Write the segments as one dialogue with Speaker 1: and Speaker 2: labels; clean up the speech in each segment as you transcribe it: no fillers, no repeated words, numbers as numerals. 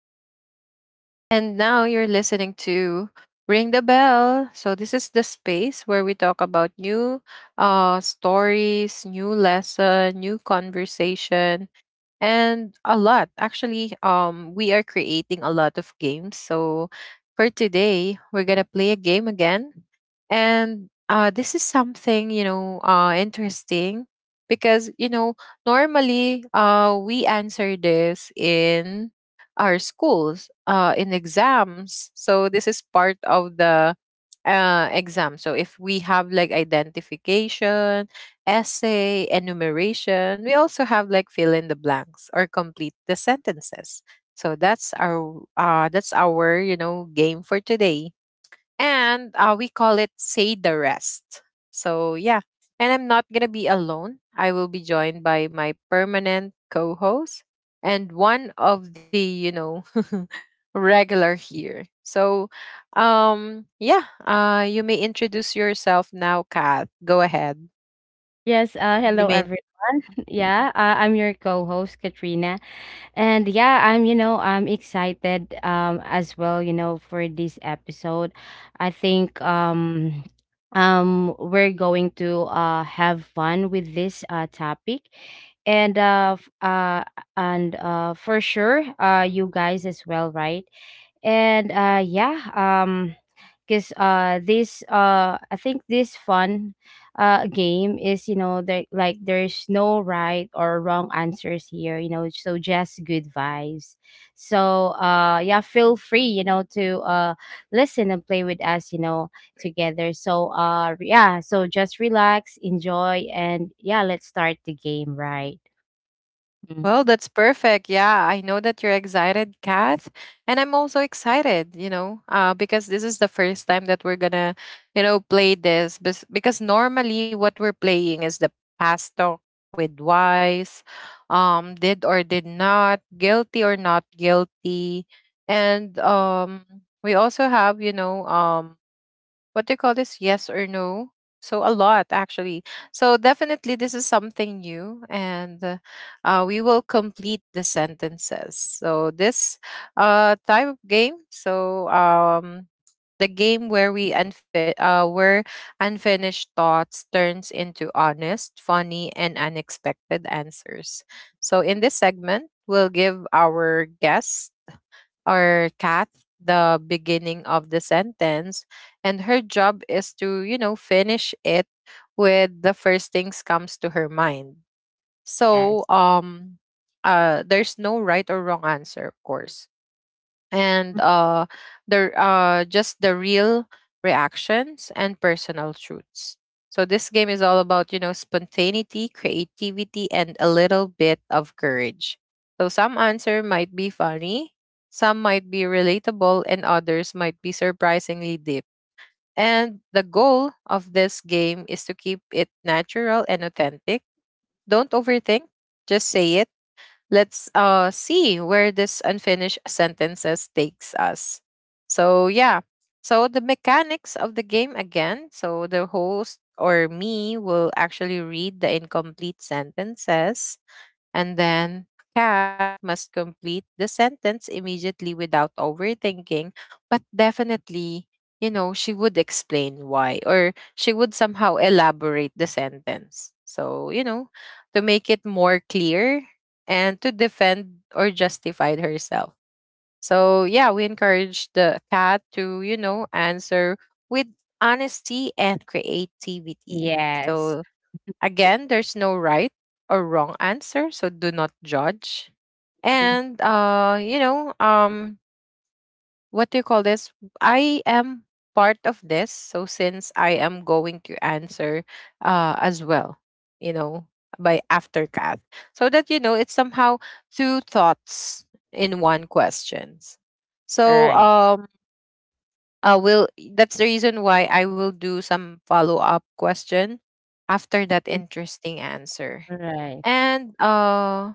Speaker 1: Javelle. And now you're listening to Ring the Bell. So, this is the space where we talk about new stories, new lesson, new conversation, and a lot actually we are creating a lot of games, so for today we're gonna play a game again. And this is something, you know, interesting because, you know, normally we answer this in our schools in exams, so this is part of the exam. So if we have like identification, essay, enumeration. We also have like fill in the blanks or complete the sentences. So that's our, you know, game for today. And we call it say the rest. So yeah. And I'm not gonna be alone. I will be joined by my permanent co-host and one of the, you know, regular here. So yeah, you may introduce yourself now, Kat. Go ahead.
Speaker 2: Yes,
Speaker 1: You
Speaker 2: hello
Speaker 1: may.
Speaker 2: everyone.
Speaker 1: Mhm.
Speaker 2: Yeah, I'm your co-host Katrina, and yeah, I'm excited as well for this episode. I think we're going to have fun with this topic, and uh f- uh and for sure you guys as well, right? And because this I think this fun game is, there like there's no right or wrong answers here, so just good vibes. So feel free, to listen and play with us, together. So just relax, enjoy, and yeah, let's start the game, right?
Speaker 1: Well,
Speaker 2: Mhm.
Speaker 1: that's perfect. Yeah, I know that you're excited, Kath. And I'm also excited, you know, because this is the first time that we're going to, you know, play this. Because normally what we're playing is the past talk with wise, did or did not, guilty or not guilty. And we also have, you know, what do you call this, yes or no. So a lot actually. So definitely this is something new. And we will complete the sentences, so this type of game. So the game where we where unfinished thoughts turns into honest, funny, and unexpected answers. So in this segment, we'll give our guests or Cat the beginning of the sentence, and her job is to, you know, finish it with the first things comes to her mind. So
Speaker 2: Yes.
Speaker 1: there's no right or wrong answer, of course. And the just the real reactions and personal truths. So this game is all about, you know, spontaneity, creativity, and a little bit of courage. So some answer might be funny, some might be relatable, and others might be surprisingly deep. And the goal of this game is to keep it natural and authentic. Don't overthink, just say it. Let's see where this unfinished sentences takes us. So, yeah. So, the mechanics of the game again. So, the host or me will actually read the incomplete sentences, and then Cat must complete the sentence immediately without overthinking, but definitely, you know, she would explain why, or she would somehow elaborate the sentence. So, you know, to make it more clear and to defend or justify herself. So, yeah, we encourage the Cat to, you know, answer with honesty and creativity.
Speaker 2: Yes.
Speaker 1: So, again, there's no right or wrong answer, so do not judge.
Speaker 2: Mhm.
Speaker 1: And you know, what do you call this? I am part of this, so since I am going to answer as well, you know, by after Kath. So that, you know, it's somehow two thoughts in one questions. So
Speaker 2: Right.
Speaker 1: I will, that's the reason why I will do some follow up question after that interesting answer.
Speaker 2: Right.
Speaker 1: And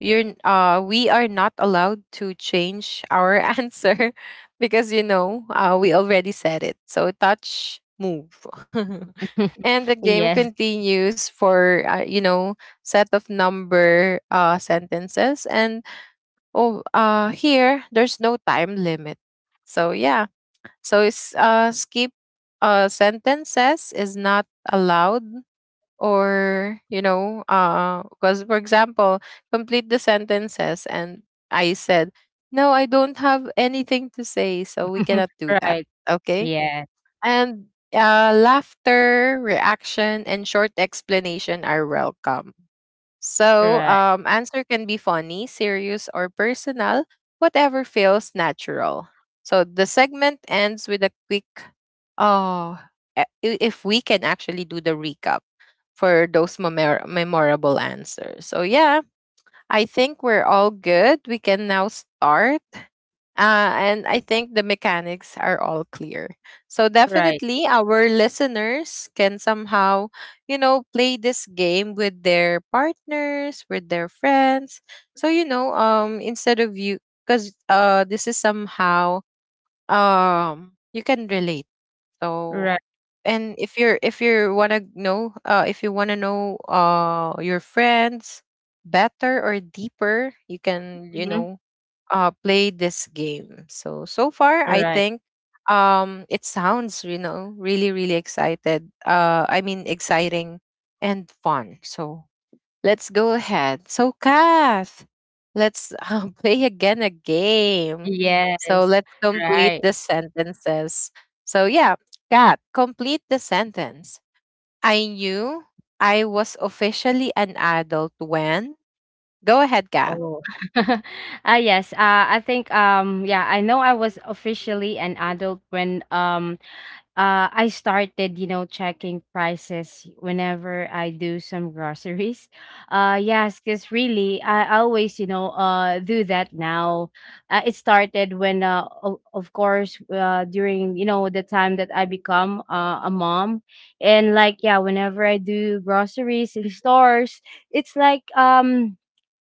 Speaker 1: we are not allowed to change our answer, because, you know, we already said it, so touch move. And the game
Speaker 2: Yes.
Speaker 1: continues for, you know, set of number sentences. And oh, here there's no time limit. So yeah, so it's skip sentences is not allowed, or, you know, because for example, complete the sentences, and I said no, I don't have anything to say. So we cannot do that.
Speaker 2: Right.
Speaker 1: Okay.
Speaker 2: Yeah.
Speaker 1: And laughter reaction and short explanation are welcome. So
Speaker 2: Right.
Speaker 1: answer can be funny, serious, or personal, whatever feels natural. So the segment ends with a quick, oh, e- if we can actually do the recap for those memorable answers. So yeah, I think we're all good. We can now start. And I think the mechanics are all clear. So
Speaker 2: Right.
Speaker 1: definitely our listeners can somehow, you know, play this game with their partners, with their friends. So you know, instead of you, cuz this is somehow you can relate. So,
Speaker 2: Right.
Speaker 1: and if you want to know if you want to know your friends better or deeper, you can, you
Speaker 2: Mhm.
Speaker 1: know, play this game. So so far I
Speaker 2: Right.
Speaker 1: think it sounds, you know, really excited. I mean, exciting and fun. So let's go ahead. So, Kath, let's play again a game. So,
Speaker 2: Yes.
Speaker 1: let's complete
Speaker 2: Right.
Speaker 1: the sentences. So, yeah, Kath, complete the sentence. I knew I was officially an adult when. Go ahead, Kath.
Speaker 2: Oh, yes. I think, yeah, I know I was officially an adult when, I started, you know, checking prices whenever I do some groceries. Yes, because really, I always, do that now. It started when, of course, during, you know, the time that I become, a mom. And like, yeah, whenever I do groceries in stores, it's like,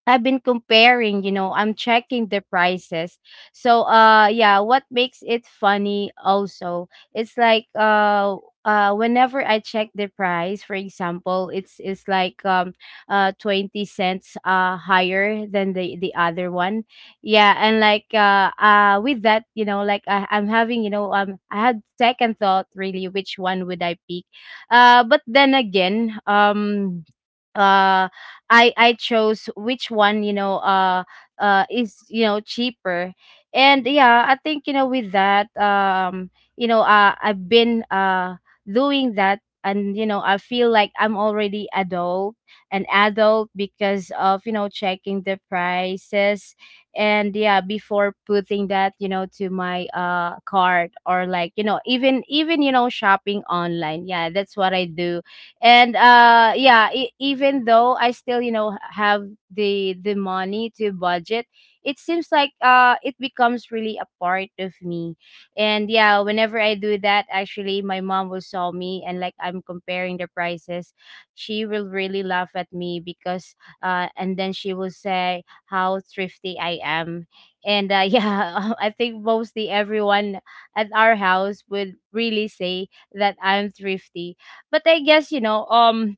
Speaker 2: I've been comparing, you know, I'm checking the prices. So, what makes it funny also, it's like, whenever I check the price, for example, it's like, 20 cents higher than the other one. Yeah, and like, with that, you know, like, I'm having, you know, I had second thought, really, which one would I pick. But then again, uh I chose which one, is, you know, cheaper. And yeah, I think, with that, I've been, doing that, and you know, I feel like I'm already adult an adult because of, you know, checking the prices, and yeah, before putting that, you know, to my, cart, or like, even, you know, shopping online. Yeah, that's what I do. And even though I still, have the money to budget, it seems like, it becomes really a part of me. And yeah, whenever I do that, actually, my mom will saw me and like I'm comparing the prices. She will really laugh at me because, and then she will say how thrifty I am. And, yeah, I think mostly everyone at our house would really say that I'm thrifty. But I guess,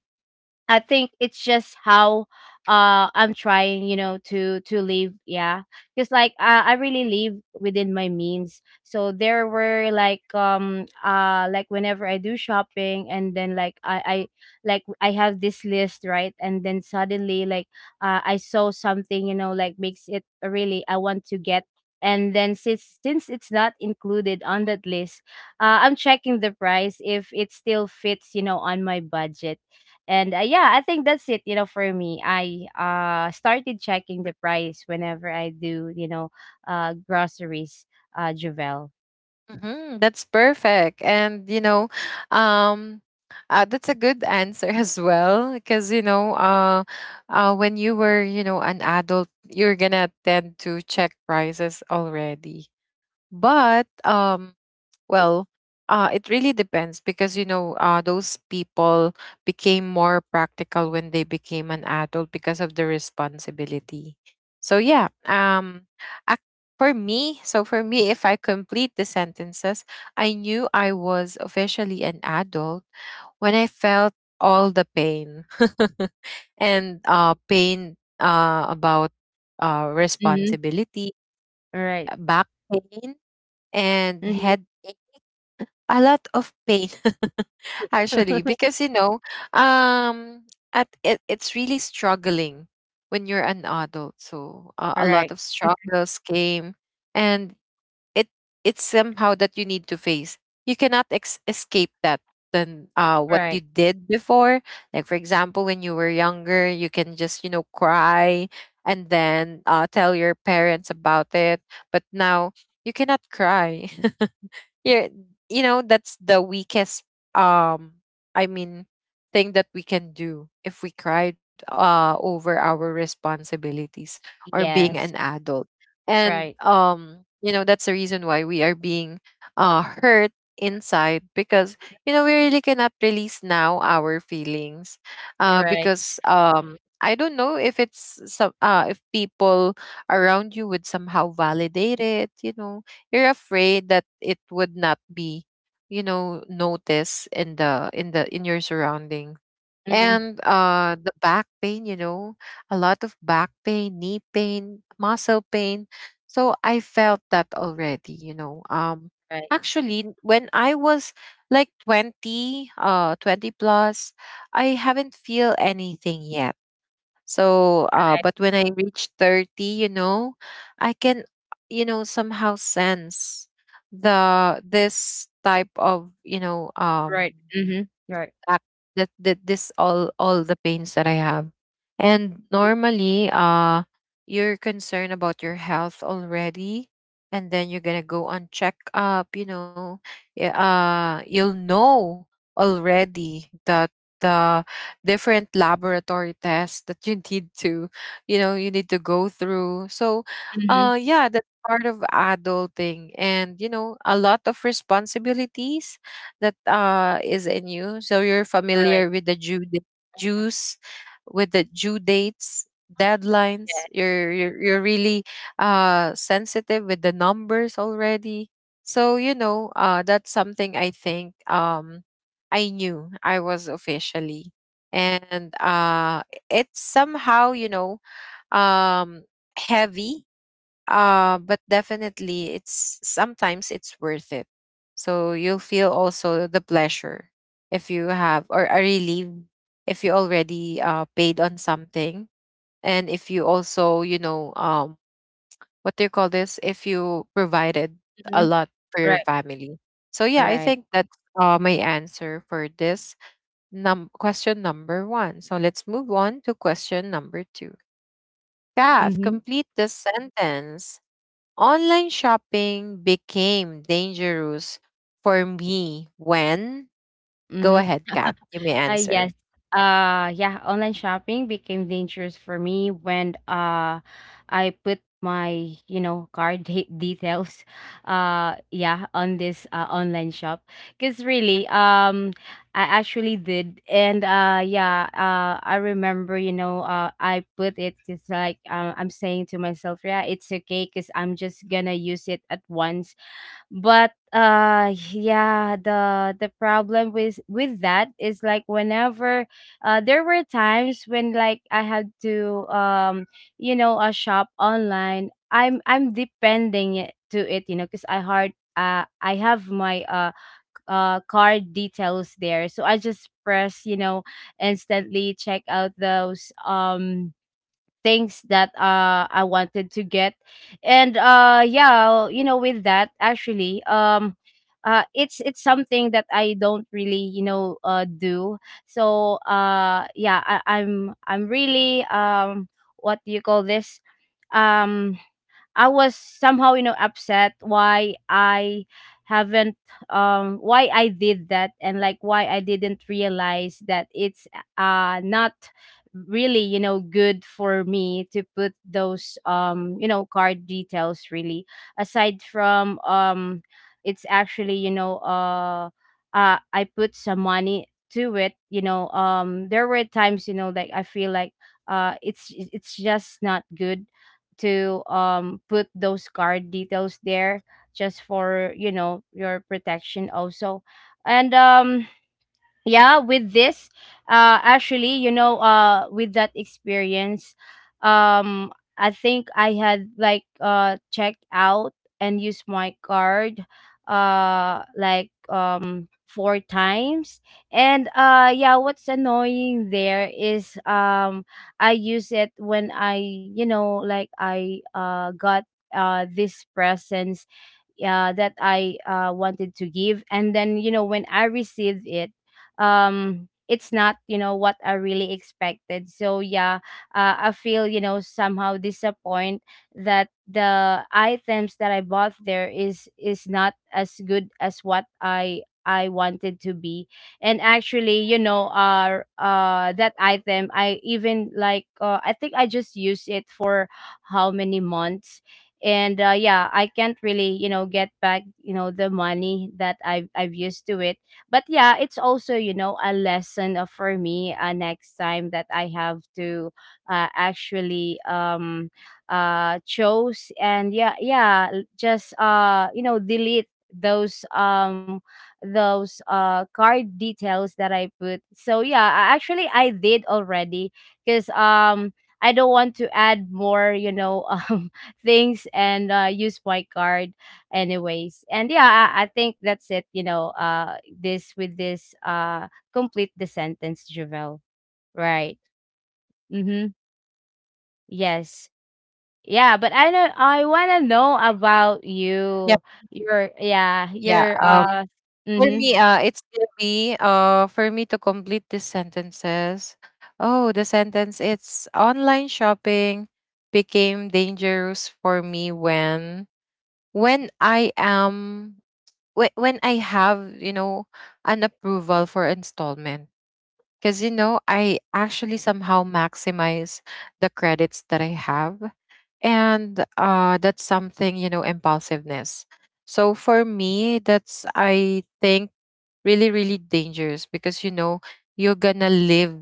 Speaker 2: I think it's just how, I'm trying, you know, to live, yeah. Cuz like, I really live within my means. So there were, like, like, whenever I do shopping, and then like, I have this list, right? And then suddenly, like, I saw something, you know, like, makes it really I want to get, and then since it's not included on that list, I'm checking the price if it still fits, you know, on my budget. And yeah, I think that's it, for me. I started checking the price whenever I do, groceries, Javel.
Speaker 1: Mhm. That's perfect. And, you know, um, that's a good answer as well. Because, you know, when you were, you know, an adult, you're going to tend to check prices already. But well, it really depends, because, you know, those people became more practical when they became an adult because of the responsibility. So yeah, ac- for me, if I complete the sentences, I knew I was officially an adult when I felt all the pain and pain about
Speaker 2: Mm-hmm.
Speaker 1: responsibility,
Speaker 2: Right.
Speaker 1: back pain, and
Speaker 2: Mm-hmm.
Speaker 1: headache, a lot of pain. Actually, because, you know, um it's really struggling when you're an adult, so a lot
Speaker 2: Right.
Speaker 1: of struggles came. And it it's somehow that you need to face. You cannot escape that, than what you
Speaker 2: Right.
Speaker 1: did before. Like for example, when you were younger, you can just, you know, cry and then tell your parents about it. But now you cannot cry. Yeah, you know, that's the weakest um I mean, thing that we can do, if we cried over our responsibilities or being
Speaker 2: Yes.
Speaker 1: an adult. And
Speaker 2: Right.
Speaker 1: you know, that's the reason why we are being hurt inside, because, you know, we really cannot release now our feelings.
Speaker 2: Right.
Speaker 1: Because I don't know if it's some if people around you would somehow validate it. You know, you're afraid that it would not be, you know, noticed in the in the in your surrounding.
Speaker 2: Mm-hmm.
Speaker 1: And the back pain, you know, a lot of back pain, knee pain, muscle pain. So I felt that already, you know.
Speaker 2: Right.
Speaker 1: Actually, when I was like 20, 20 plus, I haven't feel anything yet. So, but when I reach 30, you know, I can, you know, somehow sense the this type of, you know,
Speaker 2: Right. Mm-hmm. Right.
Speaker 1: back, that this, all the pains that I have. And normally, you're concerned about your health already, and then you're gonna go on checkup. You know, yeah, you'll know already that the different laboratory tests that you need to, you know, you need to go through. So,
Speaker 2: Mm-hmm.
Speaker 1: yeah, that's part of adulting, and, you know, a lot of responsibilities that is in you. So you're familiar
Speaker 2: Right.
Speaker 1: with the dues, with the due dates, deadlines.
Speaker 2: Yeah.
Speaker 1: You're you're really sensitive with the numbers already. So, you know, that's something, I think, I knew I was officially. And it's somehow, you know, um heavy, but definitely it's sometimes it's worth it. So you'll feel also the pleasure, if you have, or a relief, if you already paid on something. And if you also, you know, what do you call this, if you provided a
Speaker 2: Mm-hmm.
Speaker 1: lot for your
Speaker 2: Right.
Speaker 1: family. So yeah, I
Speaker 2: Right.
Speaker 1: think that's my answer for this question number one. So let's move on to question number two. Kath,
Speaker 2: Mm-hmm.
Speaker 1: complete the sentence. Online shopping became dangerous for me when. Go
Speaker 2: Mm-hmm.
Speaker 1: ahead, Kat, you may answer.
Speaker 2: Yes. Yeah, online shopping became dangerous for me when, I put my, you know, card details, yeah, on this, online shop, because really, I actually did. And I remember, I put it just like, I'm saying to myself, yeah, it's okay because I'm just gonna use it at once. But the problem with that is like, whenever, there were times when like I had to, a shop online. I'm depending to it, you know, because I have my, card details there, so I just press, you know, instantly check out those, things that, I wanted to get. And with that actually, it's something that I don't really, do. So, I'm really, what do you call this? Um I was somehow, you know, upset why I haven't why I did that, and like, why I didn't realize that it's, not really, you know, good for me to put those, card details really. Aside from, it's actually, I put some money to it, you know. There were times, you know, like I feel like, it's just not good to, put those card details there, just for, you know, your protection also. And yeah, with this actually, with that experience, um I think I had, like, checked out and used my card, like, four times. And what's annoying there is, I use it when, I you know like I got, this presents, that I, wanted to give, and then, you know, when I received it, it's not, you know, what I really expected, so yeah, I feel, you know, somehow disappointed that the items that I bought there is not as good as what I wanted to be. And actually, that item I even like, I think I just used it for how many months, and yeah, I can't really, you know, get back, you know, the money that I've used to it. But yeah, it's also, you know, a lesson of, for me, next time that I have to, actually, chose, and yeah, just, delete those, those card details that I put. So yeah, actually, I did already, because, I don't want to add more, you know, things and, use my card anyways. And yeah, I think that's it, this with this, complete the sentence, Javel. Right. Mm-hmm. Yes. Yeah, but I know I want to know about
Speaker 1: Yeah,
Speaker 2: you, your, yeah,
Speaker 1: yeah.
Speaker 2: your,
Speaker 1: For
Speaker 2: mm-hmm.
Speaker 1: me, it's gonna be for me to complete these sentences. Oh, the sentence, it's online shopping became dangerous for me when I am when I have, you know, an approval for installment. Because, I actually somehow maximize the credits that I have and that's something impulsiveness. So for me, that's, I think, really really dangerous because you're gonna live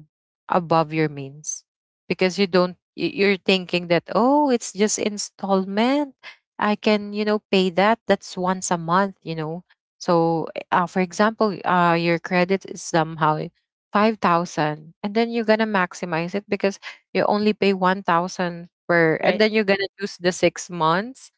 Speaker 1: above your means, because you don't, you're thinking that, oh, it's just installment. I can, pay that. That's once a month, so, for example, your credit is somehow 5,000, and then you're gonna maximize it because you only pay 1,000 per, and
Speaker 2: Right.
Speaker 1: then you're going to use the 6 months.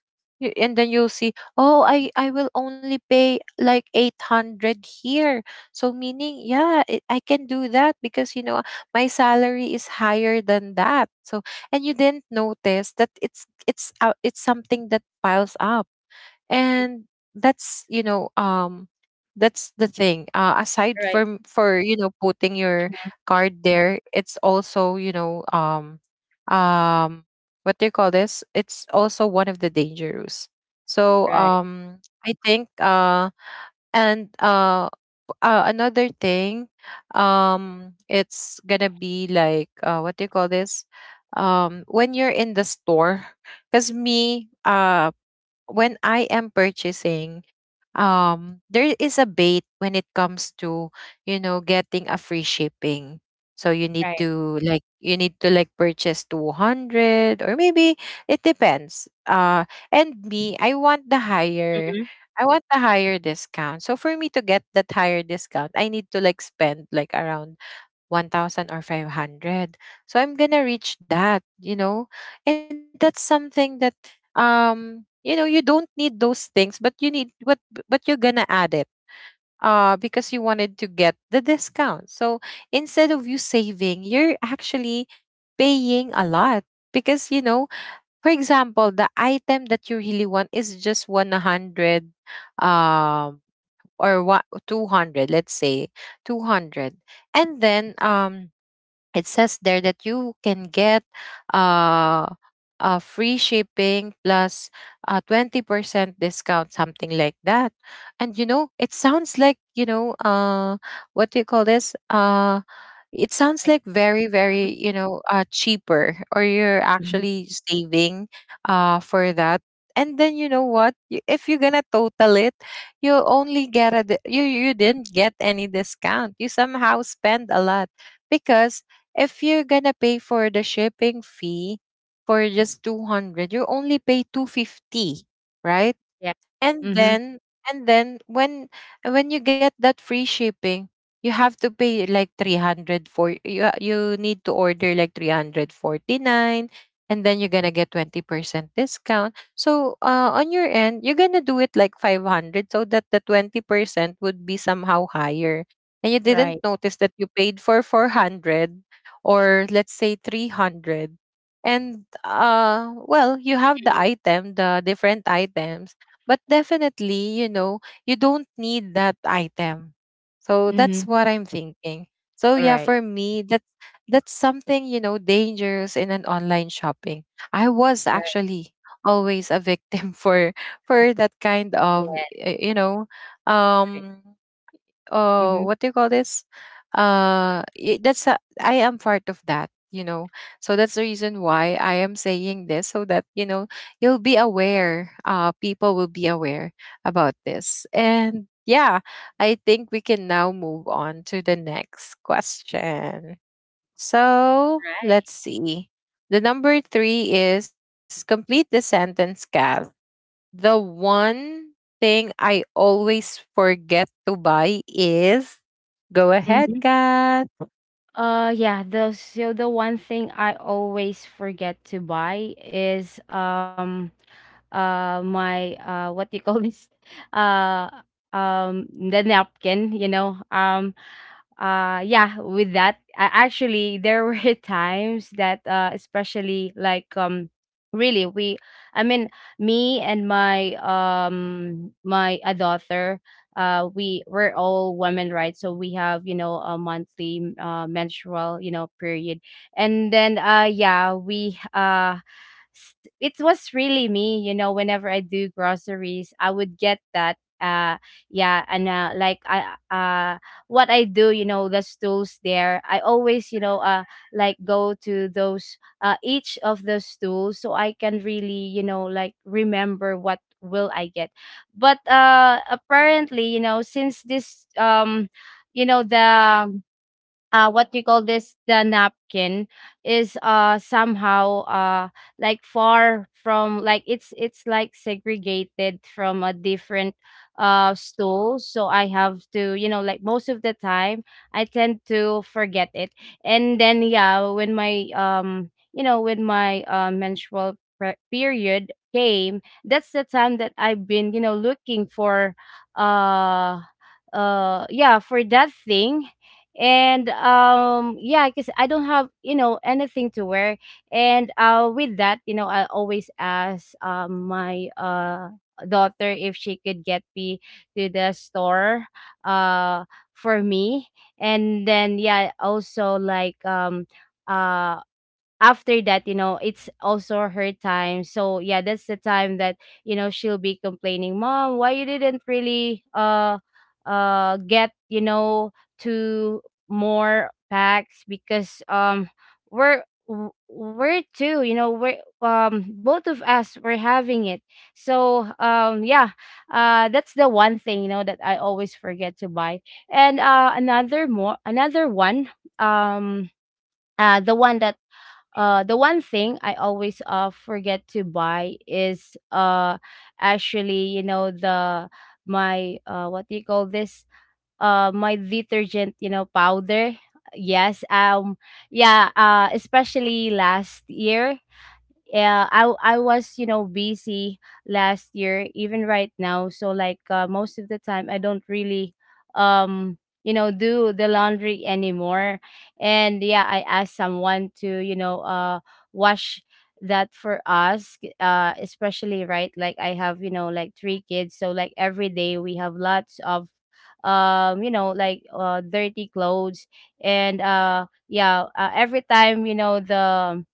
Speaker 1: And then you'll see, oh, I will only pay like 800 here. So, meaning, yeah, I can do that because my salary is higher than that, so. And you didn't notice that it's something that piles up.
Speaker 2: Mm.
Speaker 1: And that's, that's the thing, aside
Speaker 2: Right.
Speaker 1: from, for, putting your card there. It's also, um what do you call this? It's also one of the dangerous, so
Speaker 2: Right.
Speaker 1: um I think. And another thing, it's gonna be like, what do you call this? When you're in the store. Because me, when I am purchasing, there is a bait when it comes to, getting a free shipping. So
Speaker 2: Right.
Speaker 1: you need to like purchase 200, or maybe it depends. And me,
Speaker 2: Mm-hmm.
Speaker 1: I want the higher discount. So for me to get that higher discount, I need to like spend like around 1,000 or 500. So I'm going to reach that, you know? And that's something that, you don't need those things, but you need what, but you're going to add it, because you wanted to get the discount. So instead of you saving, you're actually paying a lot, because, for example, the item that you really want is just 100, um or what, 200, let's say, 200. And then, it says there that you can get, uh, free shipping plus 20% discount, something like that. And, it sounds like, what do you call this, it
Speaker 2: Right.
Speaker 1: sounds like very very, cheaper, or you're
Speaker 2: Mm-hmm.
Speaker 1: actually saving, for that. And then you know what? If you're gonna total it, you only get a you didn't get any discount. You somehow spend a lot, because if you're gonna pay for the shipping fee for just 200, you only pay 250, right?
Speaker 2: Yeah.
Speaker 1: And
Speaker 2: Mm-hmm.
Speaker 1: then, and then when when you get that free shipping, you have to pay like 300. You need to order like 349, and then you're gonna get 20% discount. So, on your end you're gonna do it like 500, so that the 20% would be somehow higher, and you didn't
Speaker 2: Right.
Speaker 1: notice that you paid for 400, or let's say, 300. And well, you have the different items. But definitely, you don't need that item. So
Speaker 2: Mm-hmm.
Speaker 1: that's what I'm thinking. So
Speaker 2: All
Speaker 1: yeah,
Speaker 2: right.
Speaker 1: for me, that's something, dangerous in an online shopping. I was
Speaker 2: Right.
Speaker 1: actually always a victim for that kind of,
Speaker 2: Yeah. Right.
Speaker 1: um
Speaker 2: Mm-hmm.
Speaker 1: what do you call this, I am part of that. So that's the reason why I am saying this, so that, you'll be aware people will be aware about this. And yeah, I think we can now move on to the next question, so let's
Speaker 2: Right.
Speaker 1: see. The number three is, complete the sentence, Kath. The one thing I always forget to buy is. Go ahead,
Speaker 2: Mm-hmm.
Speaker 1: Kat.
Speaker 2: Yeah, the so the one thing I always forget to buy is, my, what do you call this? Uh the napkin, you know. Yeah, with that, actually, there were times that, especially like, really, we I mean, me and my, my a daughter, we're all women, right, so we have, you know, a monthly, menstrual, you know, period. And then uh yeah we uh s- it was really me, you know, whenever I do groceries, I would get that, yeah. And like, I, what I do, you know, the stools there, I always, like go to those, each of the stools so I can really, you know, like remember what will I get. But apparently, you know, since this you know, the what do you call this, the napkin is, somehow, like far from, like, it's like segregated from a different, stool, so I have to, you know, like, most of the time, I tend to forget it. And then yeah, when my, menstrual, period came, that's the time that I've been, you know, looking for, uh yeah, for that thing. And yeah, because I don't have, you know, anything to wear, and with that, you know, I always ask, my, daughter if she could get me to the store, uh for me. And then yeah, also like, uh after that, you know, it's also her time, so yeah, that's the time that, you know, she'll be complaining, "Mom, why you didn't really, get, you know, two more packs? Because, we're two, you know, we're both of us, we're having it." So, that's the one thing, you know, that I always forget to buy. And another one, um uh the one that the one thing I always, forget to buy is, actually, you know, the my, what do you call this, my detergent, you know, powder. Yes. Yeah, especially last year, yeah, I was, you know, busy last year, even right now. So like, most of the time, I don't really, um do the laundry anymore. And yeah, I asked someone to wash that for us. Especially, right? Like I have like three kids, so like every day we have lots of dirty clothes. And yeah, every time, the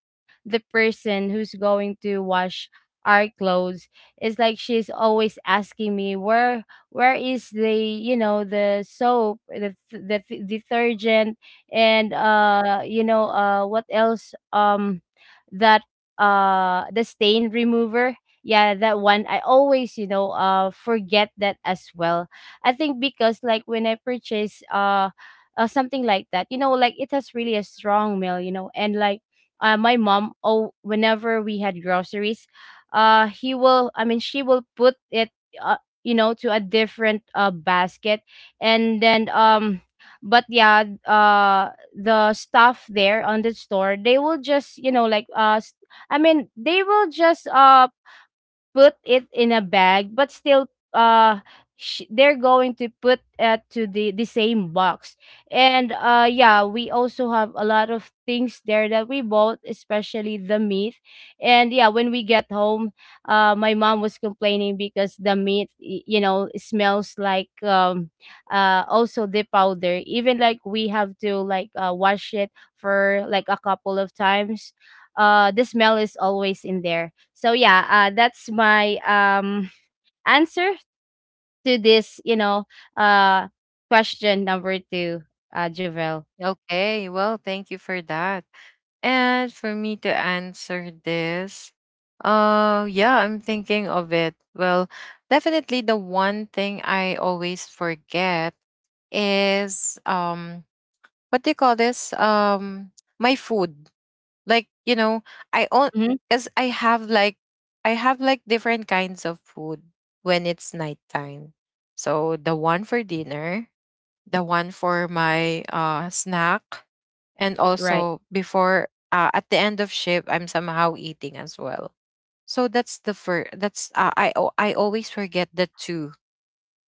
Speaker 2: person who's going to wash our clothes, it's like she's always asking me, where is the the soap, the the detergent. And what else? That, the stain remover. Yeah, that one I always forget that as well. I think because like when I purchase, something like that, you know, like it has really a strong smell, you know. And like, my mom, oh, whenever we had groceries, he will I mean she will put it, uh, you know, to a different basket. And then, but yeah, the staff there on the store, they will just I mean, they will just put it in a bag, but still, uh they're going to put it to the same box. And yeah, we also have a lot of things there that we bought, especially the meat. And yeah, when we get home, my mom was complaining because the meat, you know, smells like, also the powder. Even like, we have to, like, wash it for like a couple of times, the smell is always in there. So yeah, that's my answer to this, you know, uh question number two. Javel?
Speaker 1: Okay, well, thank you for that. And for me to answer this, yeah, I'm thinking of it. Well, definitely the one thing I always forget is, what do you call this? My food. Like, I own
Speaker 2: Mm-hmm.
Speaker 1: because I have like different kinds of food, when it's nighttime. So the one for dinner, the one for my snack, and
Speaker 2: Right.
Speaker 1: also before, at the end of shift, I'm somehow eating as well. So that's the first, I always forget the two,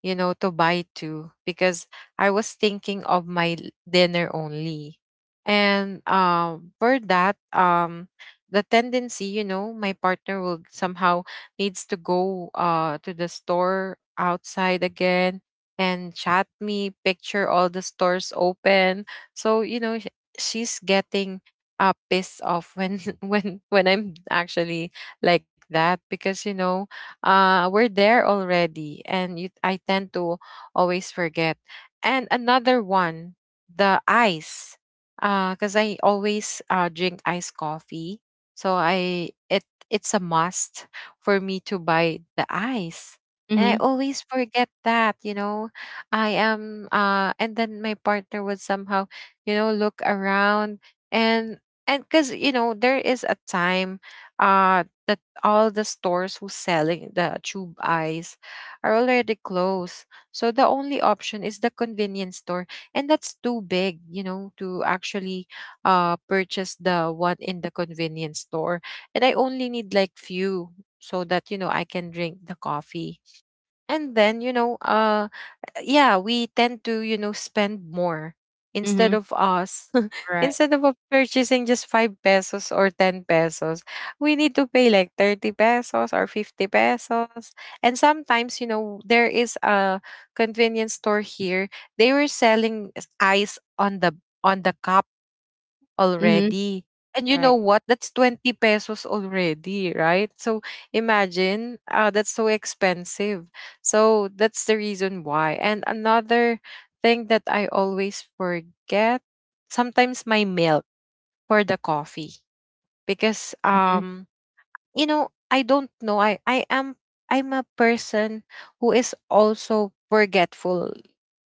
Speaker 1: to buy two, because I was thinking of my dinner only. And, for that, the tendency, my partner will somehow needs to go, to the store outside again, and chat me, picture all the stores open. So, she's getting, pissed off when when I'm actually like that, because we're there already, and I tend to always forget. And another one, the ice, because I always, drink iced coffee, so I it it's a must for me to buy the ice. And I
Speaker 2: Mm-hmm.
Speaker 1: always forget that, I am and then my partner would somehow, look around. And and because, there is a time, uh all the stores who's selling the tube eyes are already closed. So the only option is the convenience store, and that's too big, to actually purchase the one in the convenience store. And I only need like few, so that, I can drink the coffee. And then, yeah, we tend to, spend more, instead
Speaker 2: Mm-hmm.
Speaker 1: of us.
Speaker 2: Right.
Speaker 1: Instead of, purchasing just 5 pesos or 10 pesos, we need to pay like 30 pesos or 50 pesos. And sometimes, there is a convenience store here. They were selling ice on the cup
Speaker 2: Mm-hmm.
Speaker 1: already. And you know
Speaker 2: Right.
Speaker 1: what? That's 20 pesos already, right? So imagine, that's so expensive. So that's the reason why. And another thing that I always forget, sometimes my milk for the coffee, because
Speaker 2: Mm-hmm.
Speaker 1: I don't know. I'm a person who is also forgetful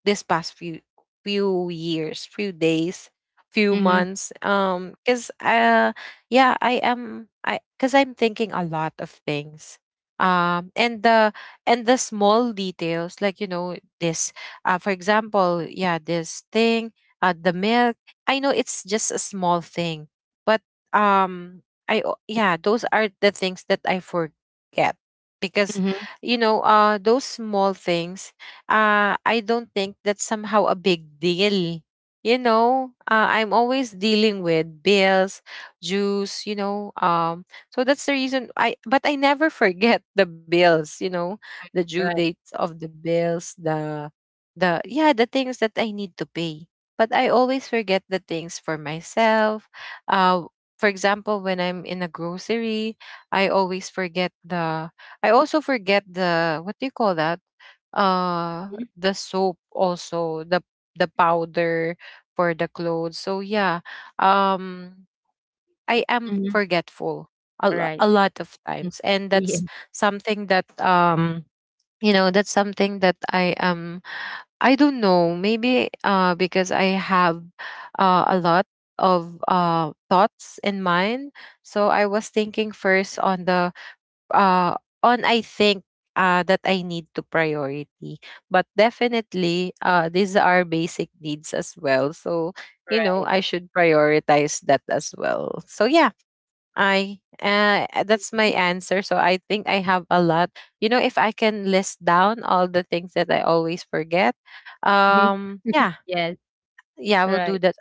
Speaker 1: this past few years, few days, few
Speaker 2: Mm-hmm.
Speaker 1: months. Cause, yeah, I am I cause I'm thinking a lot of things. Um, and the and the small details, like, this, for example, yeah, this thing, the milk. I know it's just a small thing, but, um yeah, those are the things that I forget, because,
Speaker 2: Mm-hmm.
Speaker 1: those small things, I don't think that's somehow a big deal. You know, I'm always dealing with bills, dues. So that's the reason, I but I never forget the bills, the due
Speaker 2: Right.
Speaker 1: dates of the bills, the, yeah, the things that I need to pay. But I always forget the things for myself, uh, for example, when I'm in a grocery, I always forget the I also forget the, what do you call that?
Speaker 2: Mm-hmm.
Speaker 1: The soap also, the powder for the clothes. So yeah, um I am
Speaker 2: Mm-hmm.
Speaker 1: forgetful a, lo-
Speaker 2: Right.
Speaker 1: a lot of
Speaker 2: Mm.
Speaker 1: times, and
Speaker 2: Yeah.
Speaker 1: that's something that, that's something that, I don't know, maybe, because I have, a lot of thoughts in mind. So I was thinking first on the, uh on, I think, that I need to priority, but definitely, these are basic needs as well, so,
Speaker 2: Right.
Speaker 1: I should prioritize that as well, so yeah. I That's my answer. So I think I have a lot. You know, if I can list down all the things that I always forget,
Speaker 2: Mm-hmm.
Speaker 1: yeah,
Speaker 2: Yes.
Speaker 1: yeah, I will do
Speaker 2: Right.
Speaker 1: that.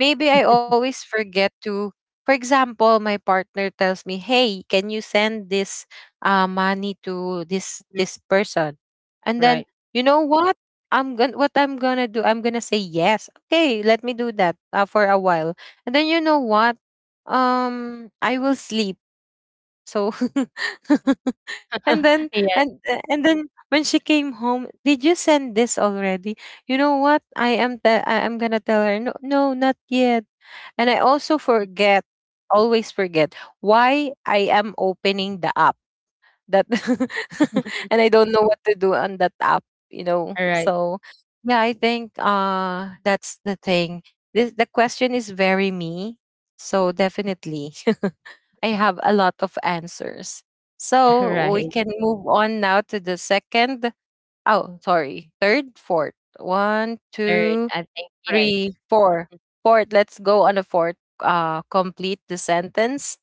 Speaker 1: Maybe I always forget to. For example, my partner tells me, "Hey, can you send this, money to
Speaker 2: Mhm.
Speaker 1: this person?" And then
Speaker 2: Right.
Speaker 1: you know what? I'm gonna What I'm gonna do, I'm gonna say yes. Okay, let me do that, for a while. And then you know what? I will sleep, so and then
Speaker 2: Yes.
Speaker 1: and and then when she came home, did you send this already? You know what? I am gonna tell her, no, no, not yet. And I also forget, always forget why I am opening the app that and I don't know what to do on that app,
Speaker 2: All right.
Speaker 1: So yeah, I think that's the thing. This The question is very me. So, definitely. I have a lot of answers. So
Speaker 2: Right.
Speaker 1: we can move on now to the second. Oh, sorry. Third, fourth. One,
Speaker 2: Third,
Speaker 1: two,
Speaker 2: I think. Yes.
Speaker 1: three, four. Fourth. Let's go on a fourth. Complete the sentence.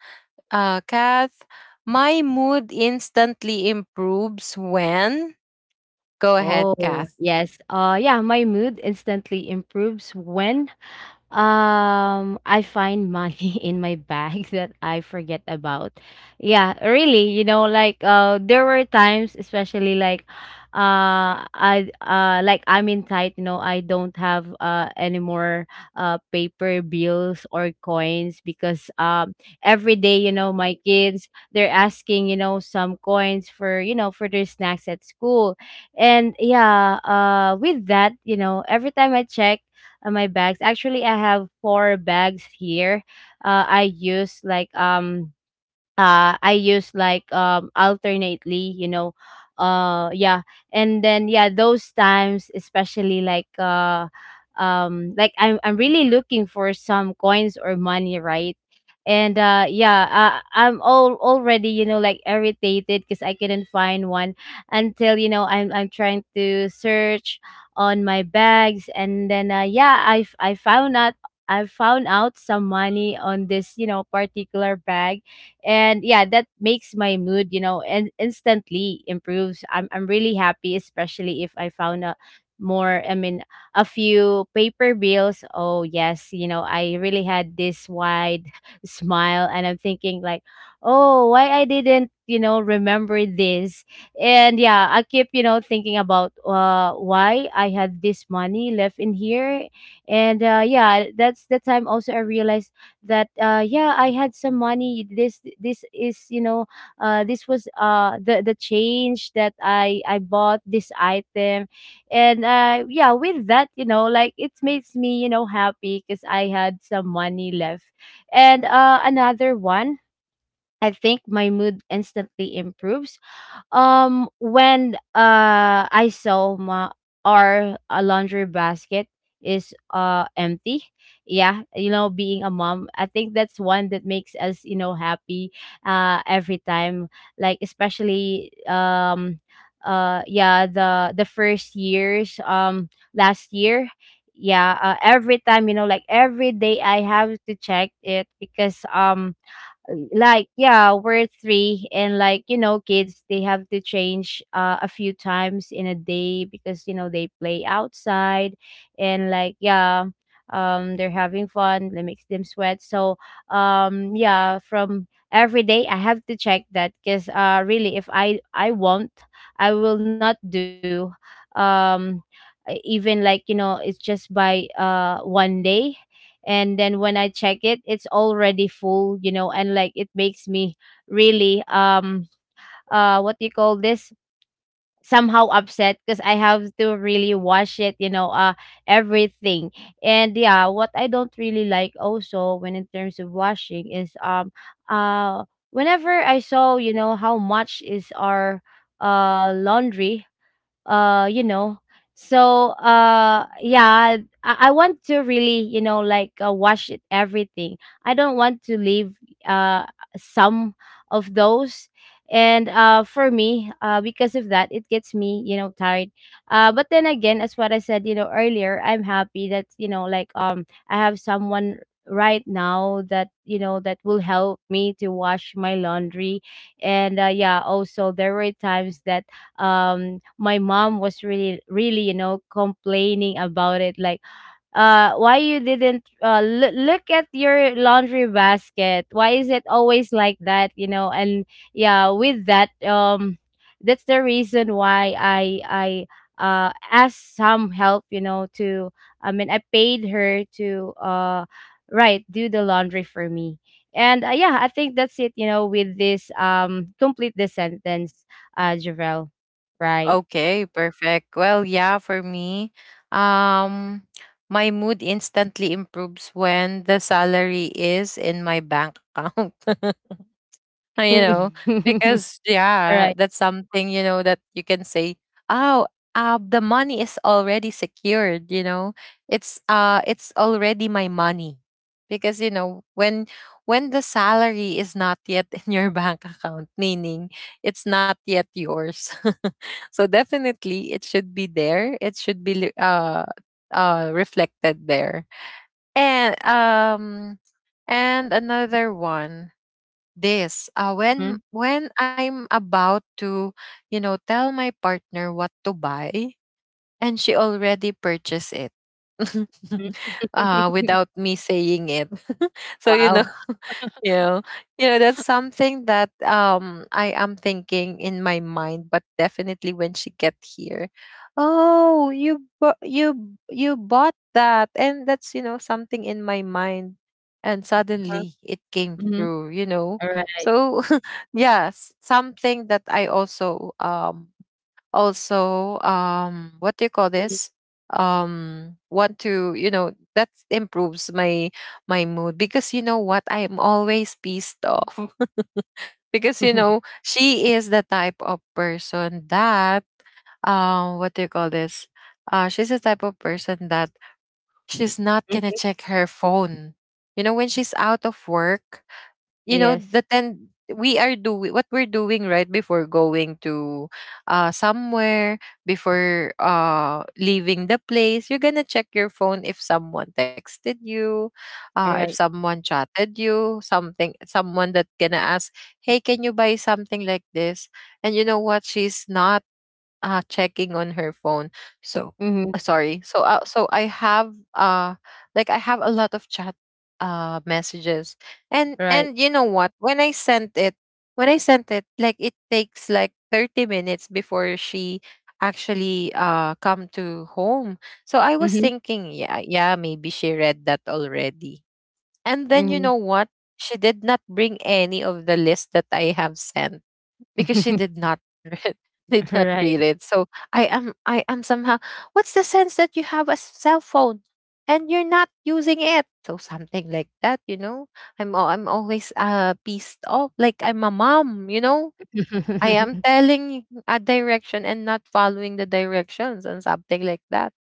Speaker 1: Kath, my mood instantly improves when. Go ahead, Kath.
Speaker 2: Oh, yes. Yeah, my mood instantly improves when, I find money in my bag that I forget about. Yeah, really, you know, there were times, especially like I'm in tight, you know. I don't have any more paper bills or coins because, every day, you know, my kids, they're asking, you know, some coins for, you know, for their snacks at school. And yeah, with that, you know, every time I check my bags. Actually, I have four bags here. I use like, I use like, alternately, you know. Yeah. And then yeah, those times, especially like I'm really looking for some coins or money, right? And yeah, I'm all already, you know, like, irritated because I couldn't find one, until, you know, I'm trying to search on my bags, and then yeah, I found out some money on this, you know, particular bag. And yeah, that makes my mood, you know, and instantly improves. I'm really happy, especially if I found a more I mean, a few paper bills. Oh yes, you know, I really had this wide smile, and I'm thinking like, oh, why I didn't, you know, remember this? And yeah, I keep, you know, thinking about why I had this money left in here. And yeah, that's the time also I realized that, yeah, I had some money. This is, you know, this was the change that I bought this item. And yeah, with that, you know, like, it makes me, you know, happy because I had some money left. And another one, I think my mood instantly improves, when I saw my our, laundry basket is empty. Yeah, you know, being a mom, I think that's one that makes us, you know, happy every time, like especially, yeah, the first years, last year. Yeah, every time, you know, like, every day I have to check it because, like yeah, we're three. And like, you know, kids, they have to change, a few times in a day because, you know, they play outside, and like yeah, they're having fun. That makes them sweat, so, yeah, from every day I have to check that because, really, if I won't, I will not do, um even like, you know, it's just by one day. And then when I check it, it's already full, you know, and like, it makes me really, what do you call this, somehow upset because I have to really wash it, you know, everything. And yeah, what I don't really like also, when in terms of washing, is, uh whenever I saw, you know, how much is our laundry, you know. So yeah, I want to really, you know, like, wash it everything. I don't want to leave uh some of those. And for me, because of that, it gets me, you know, tired. But then again, as what I said, you know, earlier, I'm happy that, you know, like, I have someone right now that, you know, that will help me to wash my laundry. And yeah, also there were times that, my mom was really, really, you know, complaining about it like, why you didn't look at your laundry basket, why is it always like that, you know. And yeah, with that, that's the reason why I asked some help, you know, to, I paid her to, right, do the laundry for me. And yeah, I think that's it, you know, with this, complete the sentence. Javel? Right.
Speaker 1: Okay, perfect. Well, yeah, for me, um, my mood instantly improves when the salary is in my bank account. you know, because
Speaker 2: All right.
Speaker 1: yeah, that's something, that you can say, oh, the money is already secured. It's already my money. Because, when, the salary is not yet in your bank account, meaning it's not yet yours. So definitely it should be there. It should be reflected there. And um and another one, this
Speaker 2: Mhm.
Speaker 1: when, I'm about to, tell my partner what to buy, and she already purchased it without me saying it. So,
Speaker 2: Wow.
Speaker 1: you know, that's something that, I am thinking in my mind, but definitely when she get here, oh, you bought that, and that's, something in my mind, and suddenly it came
Speaker 2: Mhm.
Speaker 1: through,
Speaker 2: Alright.
Speaker 1: So yes, something that I also also what do you call
Speaker 2: Mhm.
Speaker 1: this want to you know that improves my my mood because you know what I am always pissed off because you know she is the type of person that what do you call this she's the type of person that she's not gonna
Speaker 2: Mhm.
Speaker 1: check her phone, you know, when she's out of work. You know,
Speaker 2: Yes.
Speaker 1: the ten we are doing what we're doing right before going to somewhere. Before leaving the place you're gonna check your phone if someone texted you, if
Speaker 2: Alright.
Speaker 1: someone chatted you something, someone that gonna ask, hey, can you buy something like this? And you know what, she's not checking on her phone. so
Speaker 2: Mhm.
Speaker 1: uh, sorry so uh, so I have like I have a lot of chat messages. and
Speaker 2: Right.
Speaker 1: and you know what, when I sent it, when I sent it, like it takes like 30 minutes before she actually come to home. So I was
Speaker 2: Mhm.
Speaker 1: thinking, yeah, yeah, maybe she read that already. And then you
Speaker 2: Mhm.
Speaker 1: know what, she did not bring any of the list that I have sent because she did not read, did not read
Speaker 2: Right.
Speaker 1: it. So I am, I am somehow, what's the sense that you have a cell phone and you're not using it? So something like that, you know. I'm always pissed off, like I'm a mom, you know. I am telling a direction and not following the directions and something like that.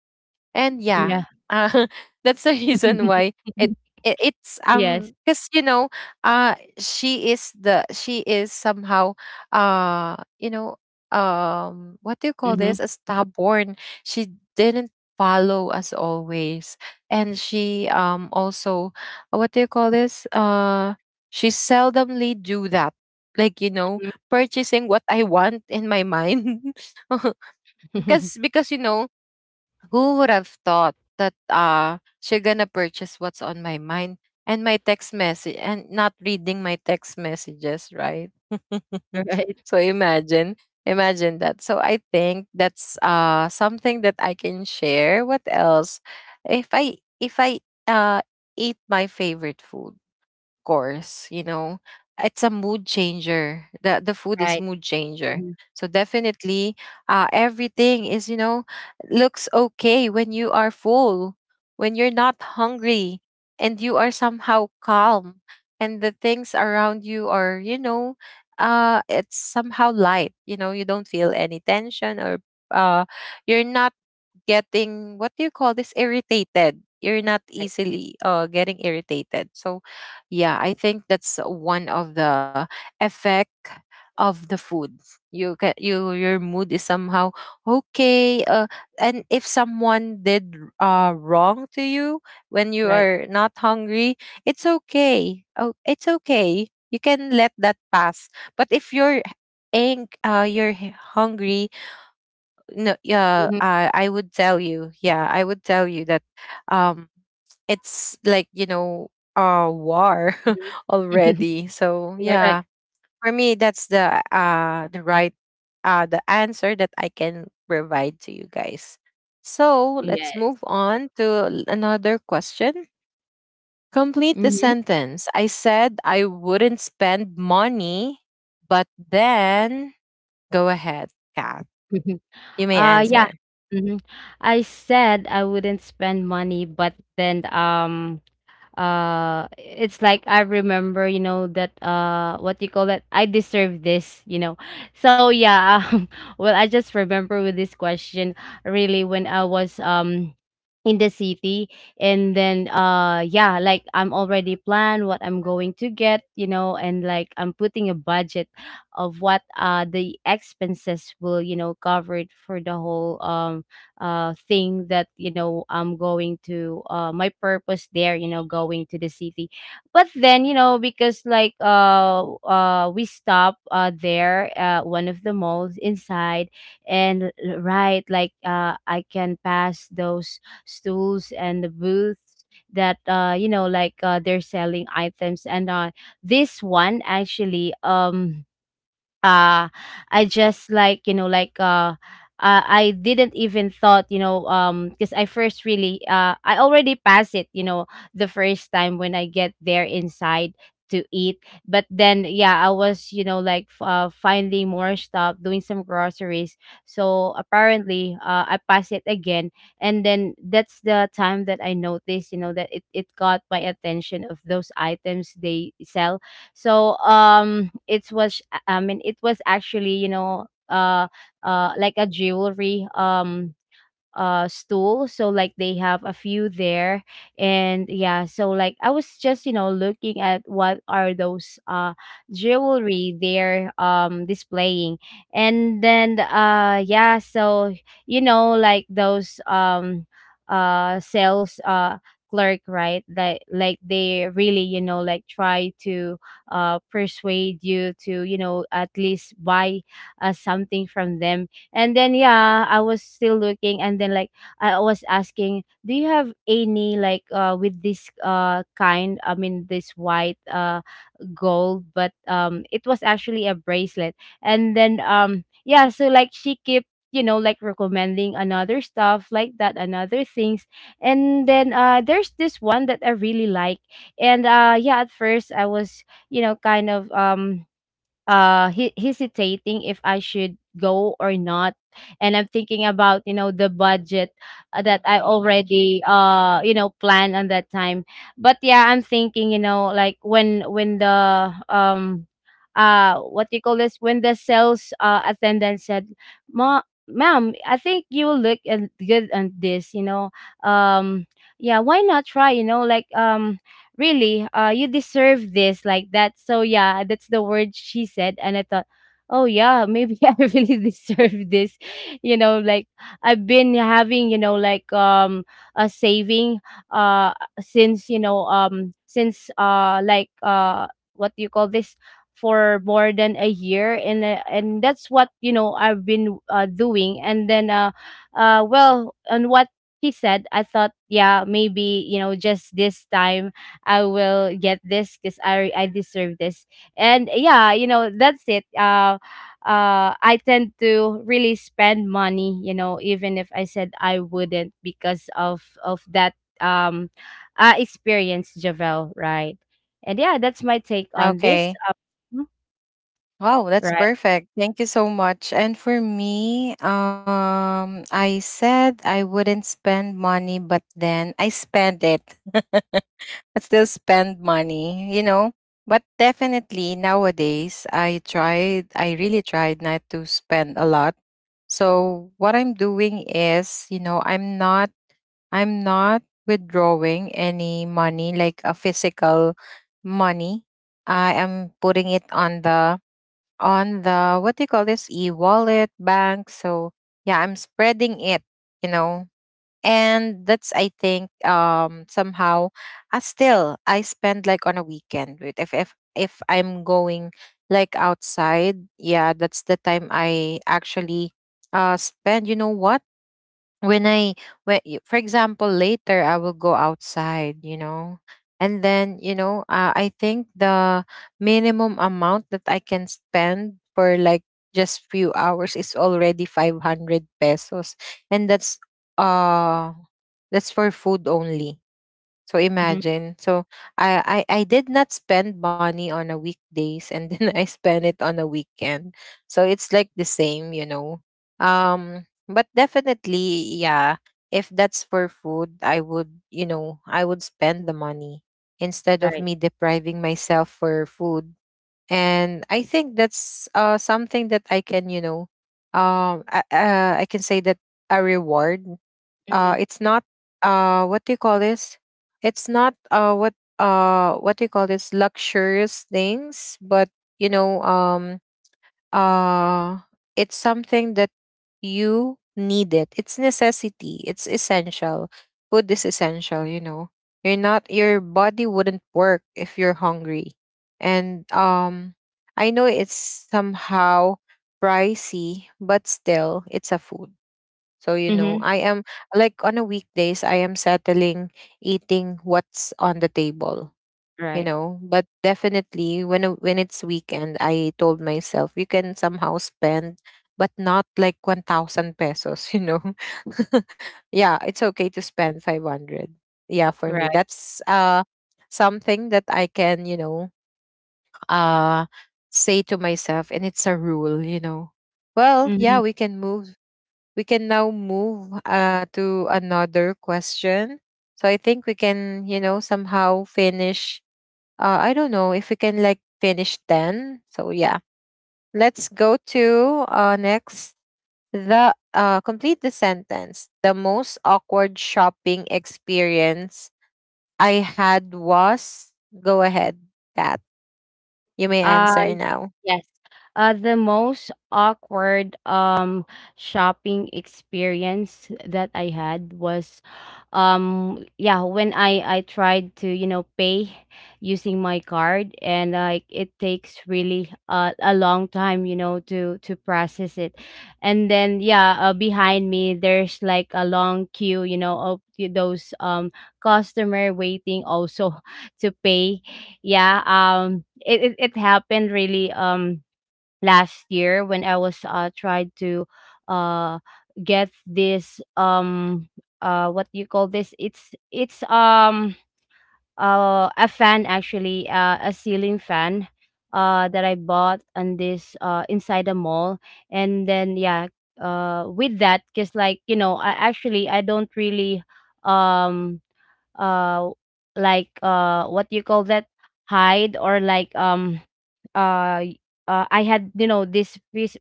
Speaker 1: And yeah,
Speaker 2: Yeah.
Speaker 1: uh, that's the reason why it, it it's
Speaker 2: Yes.
Speaker 1: because you know she is somehow you know what do you call
Speaker 2: Mhm.
Speaker 1: this a stubborn. She didn't follow as always, and she also, what do you call this she seldomly do that, like, you know,
Speaker 2: Mhm.
Speaker 1: purchasing what I want in my mind. because because you know, who would have thought that she gonna purchase what's on my mind, and my text message, and not reading my text messages, right?
Speaker 2: Right.
Speaker 1: so imagine, imagine that. So I think that's something that I can share. What else? If I uh eat my favorite food, course, you know. It's a mood changer. The food is
Speaker 2: Right.
Speaker 1: mood changer.
Speaker 2: Mhm.
Speaker 1: So definitely everything is, you know, looks okay when you are full, when you're not hungry, and you are somehow calm, and the things around you are, you know, it's somehow light. You know, you don't feel any tension or uh you're not getting, what do you call this, irritated. You're not
Speaker 2: Right.
Speaker 1: easily getting irritated. So yeah, I think that's one of the effect of the food. You can you your mood is somehow okay. And if someone did wrong to you when you
Speaker 2: Right.
Speaker 1: are not hungry, it's okay. Oh, it's okay. You can let that pass. But if you're ang you're hungry, no, yeah,
Speaker 2: Mhm.
Speaker 1: I would tell you. Yeah, I would tell you that um it's like, you know, a war
Speaker 2: Mhm.
Speaker 1: already. So
Speaker 2: Yeah, right.
Speaker 1: yeah, for me that's the right the answer that I can provide to you guys. So let's
Speaker 2: Yes.
Speaker 1: move on to another question. Complete the
Speaker 2: Mhm.
Speaker 1: sentence: I said I wouldn't spend money but then. Go ahead, Kat,
Speaker 2: Mhm.
Speaker 1: you may
Speaker 2: Yeah.
Speaker 1: answer.
Speaker 2: Mhm. I said I wouldn't spend money, but then, it's like, I remember, you know, that, what you call that, I deserve this, you know. So yeah, well, I just remember with this question, really, when I was, in the city. And then yeah, like, I'm already planned what I'm going to get, you know, and like, I'm putting a budget of what the expenses will, you know, cover it for the whole, thing that, you know, I'm going to, my purpose there, you know, going to the city. But then, you know, because like, we stop there, one of the malls inside. And, right, like, I can pass those stools and the booths that, you know, like, they're selling items. And this one, actually, uh I just, like, you know, like, I didn't even thought, you know, because I first really, I already passed it, you know, the first time when I get there inside to eat. But then, yeah, I was, you know, like, finding more stuff, doing some groceries. So apparently, I passed it again, and then that's the time that I noticed, you know, that it got my attention of those items they sell. So, it was I mean, it was actually, you know, like a jewelry, stool, so like, they have a few there. And yeah, so like, I was just, you know, looking at what are those jewelry they're, displaying. And then yeah, so, you know, like, those, sales clerk, right, that like, they really, you know, like, try to persuade you to, you know, at least buy, something from them. And then yeah, I was still looking, and then like, I was asking, do you have any, like, with this, kind, I mean, this white, gold, but it was actually a bracelet. So like she kept like recommending another stuff like that, another things. And then there's this one that I really like. And yeah, at first I was kind of hesitating if I should go or not. And I'm thinking about the budget that I already planned on that time. But yeah, I'm thinking like when the what do you call this when the sales attendant said, ma "Ma'am, I think you will look and good on this, um yeah, why not try, really, you deserve this," like that. So yeah, that's the word she said, and I thought, oh yeah, maybe I really deserve this, like. I've been having a saving uh since, since, like what do you call this for more than a year. And that's what, I've been doing. And then well, on what he said, I thought, yeah, maybe just this time I will get this because I deserve this. And yeah, that's it. I tend to really spend money. You know, even if I said I wouldn't, because of that um experience, Javel. Right. And yeah, that's my take on this.
Speaker 1: Okay.
Speaker 2: Um,
Speaker 1: Wow, that's
Speaker 2: right.
Speaker 1: perfect. Thank you so much. And for me, I said I wouldn't spend money, but then I spend it. I still spend money, you know. But definitely nowadays, I tried, I really tried not to spend a lot. So what I'm doing is, you know, I'm not withdrawing any money, like a physical money. I am putting it on the what do you call this, e-wallet bank. So yeah, I'm spreading it, you know. And that's, I think, somehow, I still, I spend like on a weekend with, if I'm going like outside. Yeah, that's the time I actually spend. You know what, when I, for example, later I will go outside, you know, and then you know I think the minimum amount that I can spend for like just few hours is already 500 pesos, and that's uh that's for food only. So
Speaker 2: Hmm.
Speaker 1: imagine. So I, I did not spend money on a weekdays, and then I spent it on a weekend. So it's like the same, you know. But definitely, yeah, if that's for food, I would, you know, I would spend the money instead of
Speaker 2: Right.
Speaker 1: me depriving myself for food. And I think that's something that I can, you know, I can say that a reward.
Speaker 2: Hmm.
Speaker 1: It's not, what do you call this it's not what what do you call this luxurious things, but you know uh it's something that you need it. It's necessity, it's essential. Food is essential, you know. You're not Your body wouldn't work if you're hungry. And I know it's somehow pricey, but still, it's a food. So, you know,
Speaker 2: Hmm.
Speaker 1: I am like on a weekdays, I am settling eating what's on the table, you
Speaker 2: Right.
Speaker 1: know. But definitely when when it's weekend, I told myself you can somehow spend, but not like 1000 pesos, you know. yeah, it's okay to spend 500. Yeah, for me
Speaker 2: Right.
Speaker 1: that's something that I can, you know, uh say to myself, and it's a rule, you know. Well,
Speaker 2: Hmm.
Speaker 1: yeah, we can now move to another question. So I think we can, you know, somehow finish. I don't know if we can like finish 10. So yeah, let's go to next. The complete the sentence: the most awkward shopping experience I had was. Go ahead, Kat. You may
Speaker 2: Uh,
Speaker 1: answer now.
Speaker 2: yes. The most awkward shopping experience that I had was, yeah, when I tried to, pay using my card, and like it takes really a long time, to process it. And then yeah, behind me there's like a long queue, of those customer waiting also to pay. Yeah, it happened really last year, when I was tried to uh get this what you call this? It's a fan, actually, a ceiling fan, that I bought on this, inside the mall. And then yeah, with that, because I actually I don't really um uh like, what you call that hide, or like, uh y- I had, this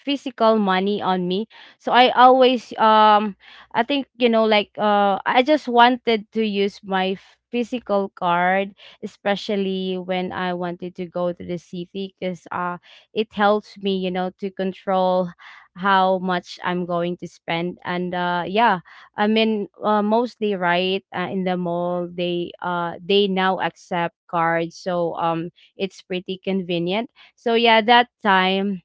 Speaker 2: physical money on me. So I always, I think, like, I just wanted to use my physical card, especially when I wanted to go to the city, because it helps me, to control how much I'm going to spend. And yeah, I mean, mostly, right, in the mall they now accept cards, so it's pretty convenient. So yeah, that time,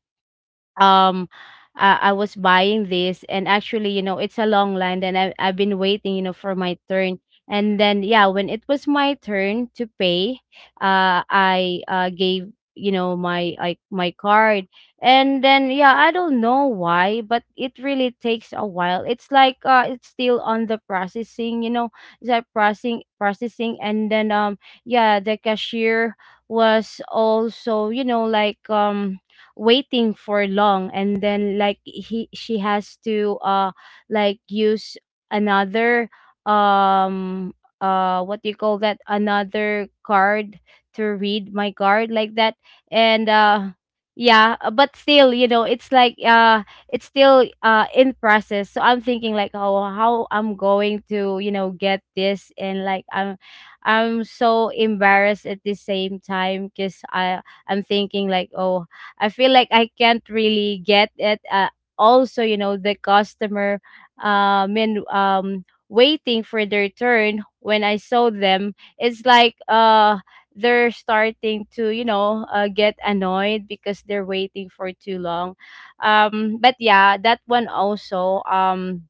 Speaker 2: um I was buying this, and actually it's a long line, and I've been waiting, for my turn. And then yeah, when it was my turn to pay, I gave, my, my card. And then yeah, I don't know why, but it really takes a while. It's like, it's still on the processing, it's like processing, processing. And then yeah, the cashier was also, waiting for long. And then like he she has to like use another um what do you call that another card to read my card, like that. And yeah, but still, it's like, it's still in process. So I'm thinking like, oh, how I'm going to, get this. And like I'm so embarrassed at the same time, because I, I'm thinking like, oh, I feel like I can't really get it. Also, you know, the customer, and waiting for their turn, when I saw them, it's like, they're starting to, you know, get annoyed because they're waiting for too long. But yeah, that one also, um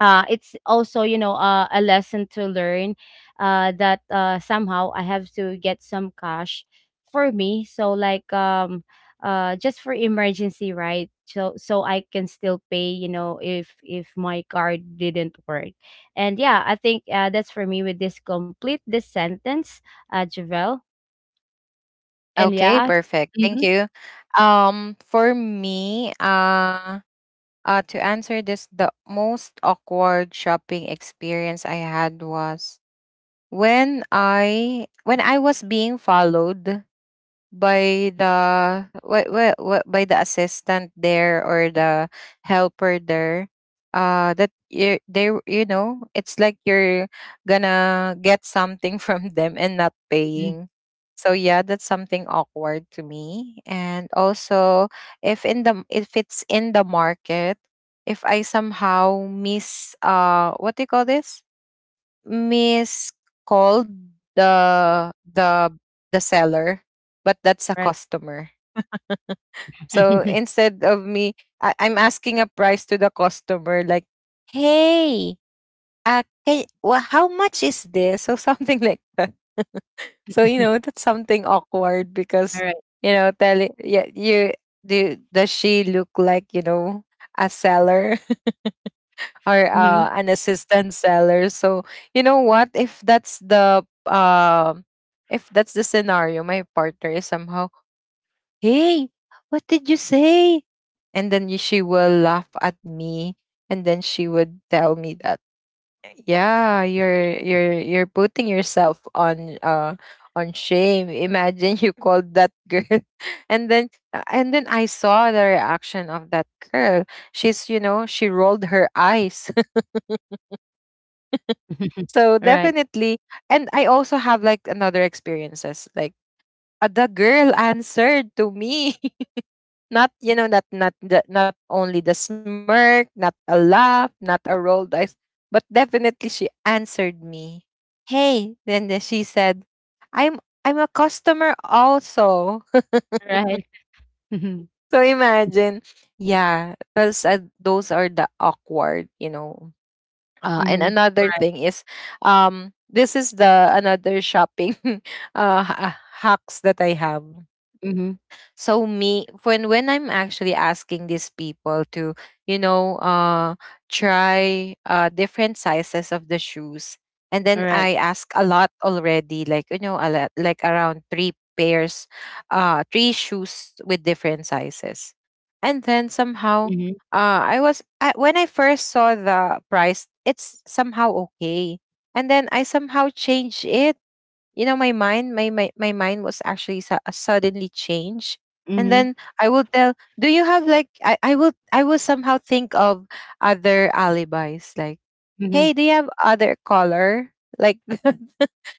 Speaker 2: uh, it's also, a lesson to learn, that, somehow I have to get some cash for me. So like, just for emergency, right, so I can still pay, if my card didn't work. And yeah, I think, that's for me with this complete this sentence, Javel. And
Speaker 1: Okay,
Speaker 2: yeah.
Speaker 1: perfect. Thank
Speaker 2: Mhm.
Speaker 1: you. Um, for me, uh, to answer this, the most awkward shopping experience I had was when I, when I was being followed by the, by the assistant there, or the helper there, that you, they, you know, it's like you're gonna get something from them and not
Speaker 2: Mhm.
Speaker 1: paying. So yeah, that's something awkward to me. And also, if in the, if it's in the market, if I somehow miss, what do you call this miscalled the, the the seller, but that's a
Speaker 2: Right.
Speaker 1: customer. So instead of me, I'm asking a price to the customer, like, "Hey, can, well, how much is this?" So something like that. So you know that's something awkward
Speaker 2: All
Speaker 1: because
Speaker 2: right.
Speaker 1: you know, telling, yeah, you do, does she look like, you know, a seller or
Speaker 2: Mhm.
Speaker 1: an assistant seller. So you know what, if that's the if that's the scenario, my partner is somehow, hey, what did you say? And then she will laugh at me, and then she would tell me that, yeah, you're you're putting yourself on shame. Imagine you called that girl, and then and then I saw the reaction of that girl. She's, you know, she rolled her eyes. So
Speaker 2: All right.
Speaker 1: definitely, and I also have like another experiences. Like the girl answered to me, not, you know, not only the smirk, not a laugh, not a rolled eyes, but definitely she answered me. Hey, then she said, "I'm I'm a customer also."
Speaker 2: All right. Mhm.
Speaker 1: So imagine, yeah, because those are the awkward, you know. And
Speaker 2: Mhm.
Speaker 1: another
Speaker 2: Right.
Speaker 1: thing is, this is the another shopping hacks that I have.
Speaker 2: Mhm.
Speaker 1: So me, when I'm actually asking these people to, you know, try different sizes of the shoes, and
Speaker 2: All
Speaker 1: then
Speaker 2: right.
Speaker 1: I ask a lot already, like you know, a lot, like around three pairs, three shoes with different sizes. And then somehow,
Speaker 2: Mhm.
Speaker 1: I, when I first saw the price, it's somehow okay, and then I somehow changed it, you know, my mind was actually suddenly changed. And
Speaker 2: Mhm.
Speaker 1: then I will tell, do you have like, I will, I will somehow think of other alibis, like,
Speaker 2: Mhm.
Speaker 1: hey, do you have other color, like,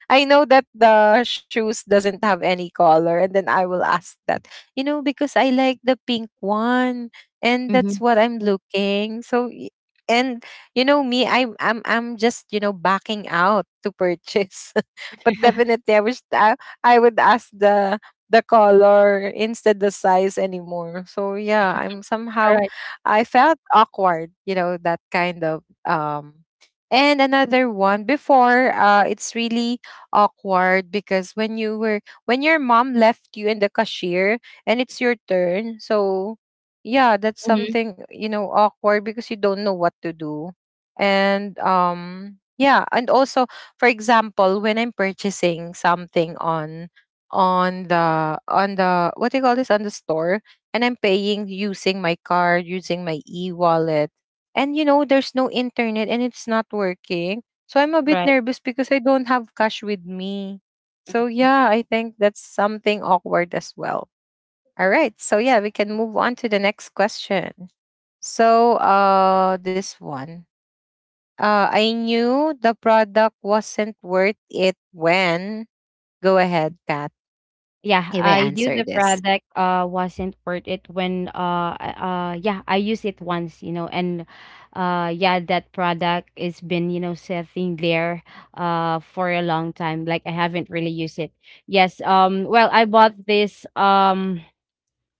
Speaker 1: I know that the shoes doesn't have any color, and then I will ask that. You know, because I like the pink one, and that's
Speaker 2: Mhm.
Speaker 1: what I'm looking. And you know me, I'm I'm just, you know, backing out to purchase. but definitely I wish I would ask the color, instead the size anymore. So yeah, I'm somehow
Speaker 2: Alright.
Speaker 1: I felt awkward, you know, that kind of and another one before it's really awkward because when you were when your mom left you in the cashier and it's your turn so yeah, that's
Speaker 2: Mhm.
Speaker 1: something, you know, awkward because you don't know what to do and yeah. And also, for example, when I'm purchasing something on on the what do you call this, on the store, and I'm paying using my card, using my e-wallet, and you know there's no internet and it's not working, so I'm a bit
Speaker 2: Right.
Speaker 1: nervous because I don't have cash with me.
Speaker 2: Mm.
Speaker 1: So yeah, I think that's something awkward as well. All right. So yeah, we can move on to the next question. So this one. I knew the product wasn't worth it when go ahead, Kat.
Speaker 2: Yeah,
Speaker 1: You may
Speaker 2: I knew
Speaker 1: answer
Speaker 2: the
Speaker 1: this.
Speaker 2: product wasn't worth it when yeah, I used it once, you know. And yeah, that product is been, you know, sitting there for a long time. Like I haven't really used it. Yes, well, I bought this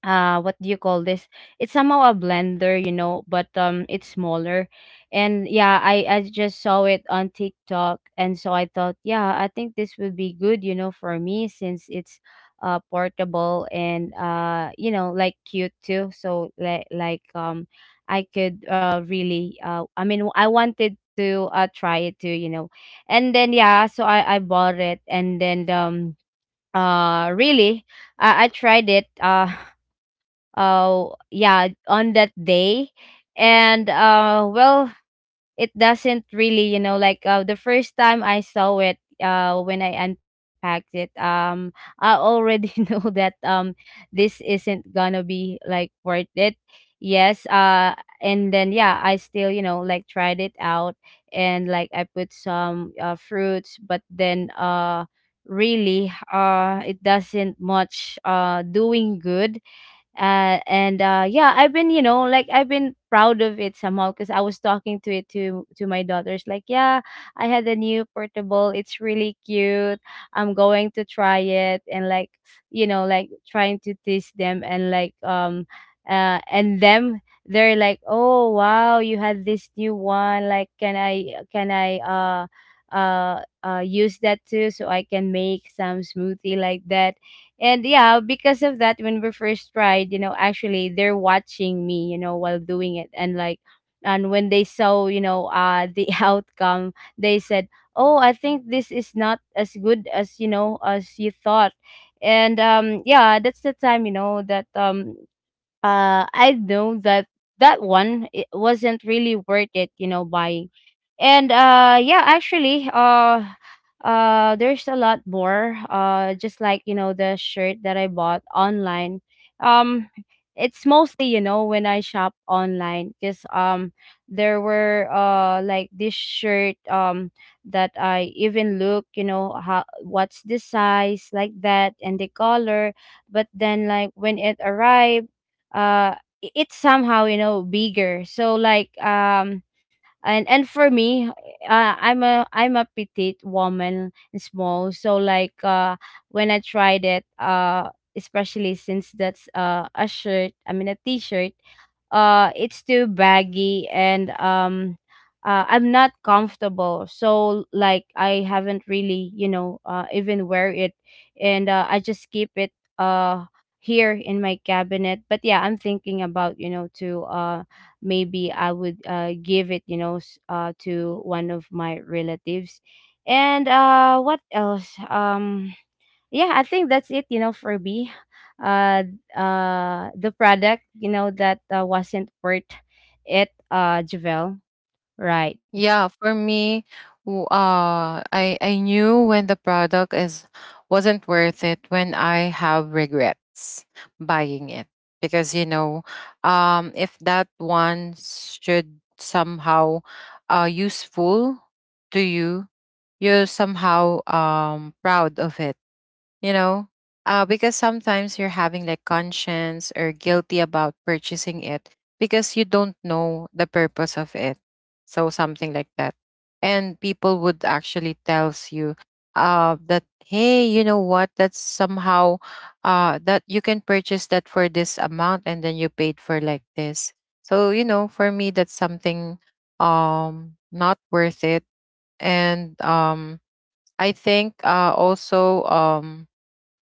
Speaker 2: what do you call this it's somehow a blender, you know, but it's smaller. And yeah, I just saw it on TikTok, and so I thought, yeah, I think this would be good, you know, for me, since it's portable, and you know, like cute too. So I could really I mean, I wanted to try it too, you know. And then yeah, so I bought it. And then really, I tried it yeah, on that day. And well, it doesn't really, you know, like, the first time I saw it, when I unpacked it, I already know that, this isn't gonna be like worth it. Yes, and then yeah, I still, you know, like tried it out. And like I put some, fruits, but then really, it doesn't much doing good. And Yeah, I've been, you know, like I've been proud of it somehow, because I was talking to it, to my daughters, like, yeah, I had a new portable, it's really cute, I'm going to try it. And like, you know, like trying to tease them. And like, and them, they're like, oh wow, you had this new one, like, can I use that too, so I can make some smoothie, like that. And yeah, because of that, when we first tried, you know, actually they're watching me, you know, while doing it. And like, and when they saw, you know, the outcome, they said, oh, I think this is not as good as, you know, as you thought. And yeah, that's the time, you know, that I know that, that one it wasn't really worth it, you know, buying. And yeah, actually, there's a lot more. Just like, you know, the shirt that I bought online. Um it's mostly, you know, when I shop online, because there were, like this shirt, that I even look, you know, how, what's the size, like that, and the color. But then like when it arrived, uh it's somehow, you know, bigger. So like, and for me, I'm a petite woman and small. So like, when I tried it, especially since that's a shirt, I mean, a t-shirt, it's too baggy. And I'm not comfortable, so like I haven't really, you know, even wear it. And I just keep it uh here in my cabinet. But yeah, I'm thinking about, you know, to maybe I would, give it, you know, to one of my relatives. And what else? Yeah, I think that's it, you know, for me. Uh, the product, you know, that, wasn't worth it, Javel. Right,
Speaker 1: Yeah, for me, I knew when the product is wasn't worth it when I have regrets buying it because, you know, if that one should somehow useful to you, you're somehow proud of it, you know, because sometimes you're having like conscience or guilty about purchasing it because you don't know the purpose of it, so something like that. And people would actually tells you that hey, you know what, that's somehow that you can purchase that for this amount and then you paid for like this. So, you know, for me that's something not worth it. And um, I think also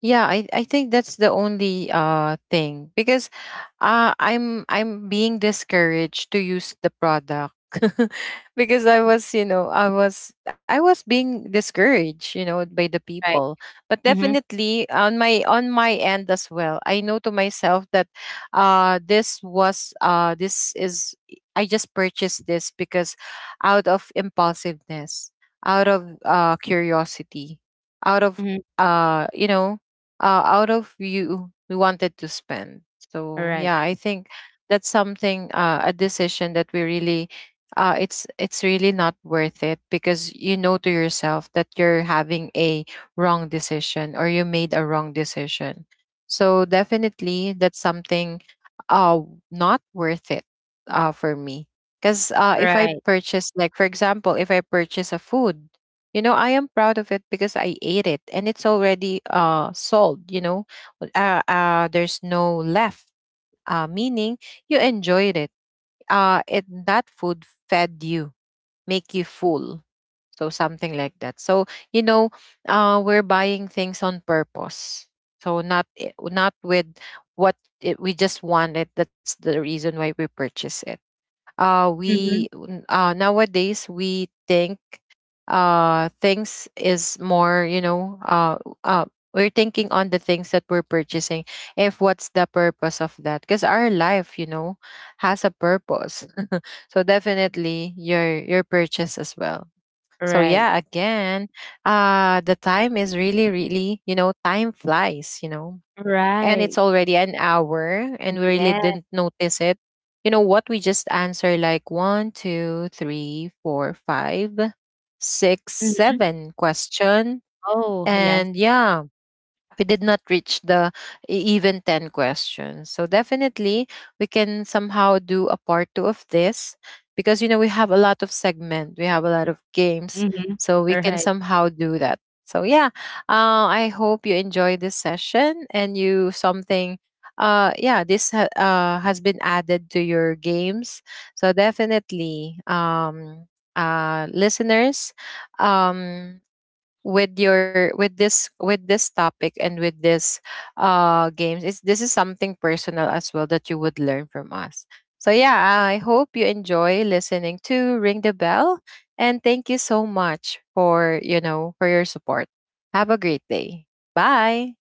Speaker 1: yeah, I think that's the only thing because I'm being discouraged to use the product because I was, you know, I was being discouraged, you know, by the
Speaker 2: right.
Speaker 1: people. But
Speaker 2: Mm-hmm,
Speaker 1: definitely on my end as well, I know to myself that this was this is I just purchased this because out of impulsiveness, out of curiosity, out of
Speaker 2: mm-hmm.
Speaker 1: you know out of you we wanted to spend. So
Speaker 2: Right,
Speaker 1: yeah, I think that's something a decision that we really it's really not worth it because you know to yourself that you're having a wrong decision or you made a wrong decision. So definitely that's something uh not worth it for me. Because if I
Speaker 2: right.
Speaker 1: purchase, like for example, if I purchase a food, you know, I am proud of it because I ate it and it's already sold, you know. Well, there's no left. Meaning you enjoyed it. It that food fed you, make you full. So something like that. So, you know, we're buying things on purpose. So not not with what it, we just wanted. That's the reason why we purchase it.
Speaker 2: Mm-hmm.
Speaker 1: Nowadays we think things is more, you know, uh we're thinking on the things that we're purchasing, if what's the purpose of that, because our life, you know, has a purpose. So definitely your purchase as well. So
Speaker 2: Right,
Speaker 1: yeah, again, the time is really really, you know, time flies, you know, and it's
Speaker 2: right.
Speaker 1: already an hour and we really
Speaker 2: Yeah.
Speaker 1: didn't notice it. You know what? We just answer like one, two, three, four, five, six,
Speaker 2: Mm-hmm.
Speaker 1: seven question.
Speaker 2: Oh, yes.
Speaker 1: And yeah, we did not reach the even 10 questions. So definitely we can somehow do a part 2 of this because you know we have a lot of segment, we have a lot of games,
Speaker 2: Mm-hmm.
Speaker 1: so we can
Speaker 2: Right.
Speaker 1: somehow do that. So yeah, I hope you enjoy this session and you something yeah, this has been added to your games. So definitely listeners um with your with this topic and with this games is this is something personal as well that you would learn from us. So yeah, I hope you enjoy listening to Ring the Bell and thank you so much for, you know, for your support. Have a great day. Bye.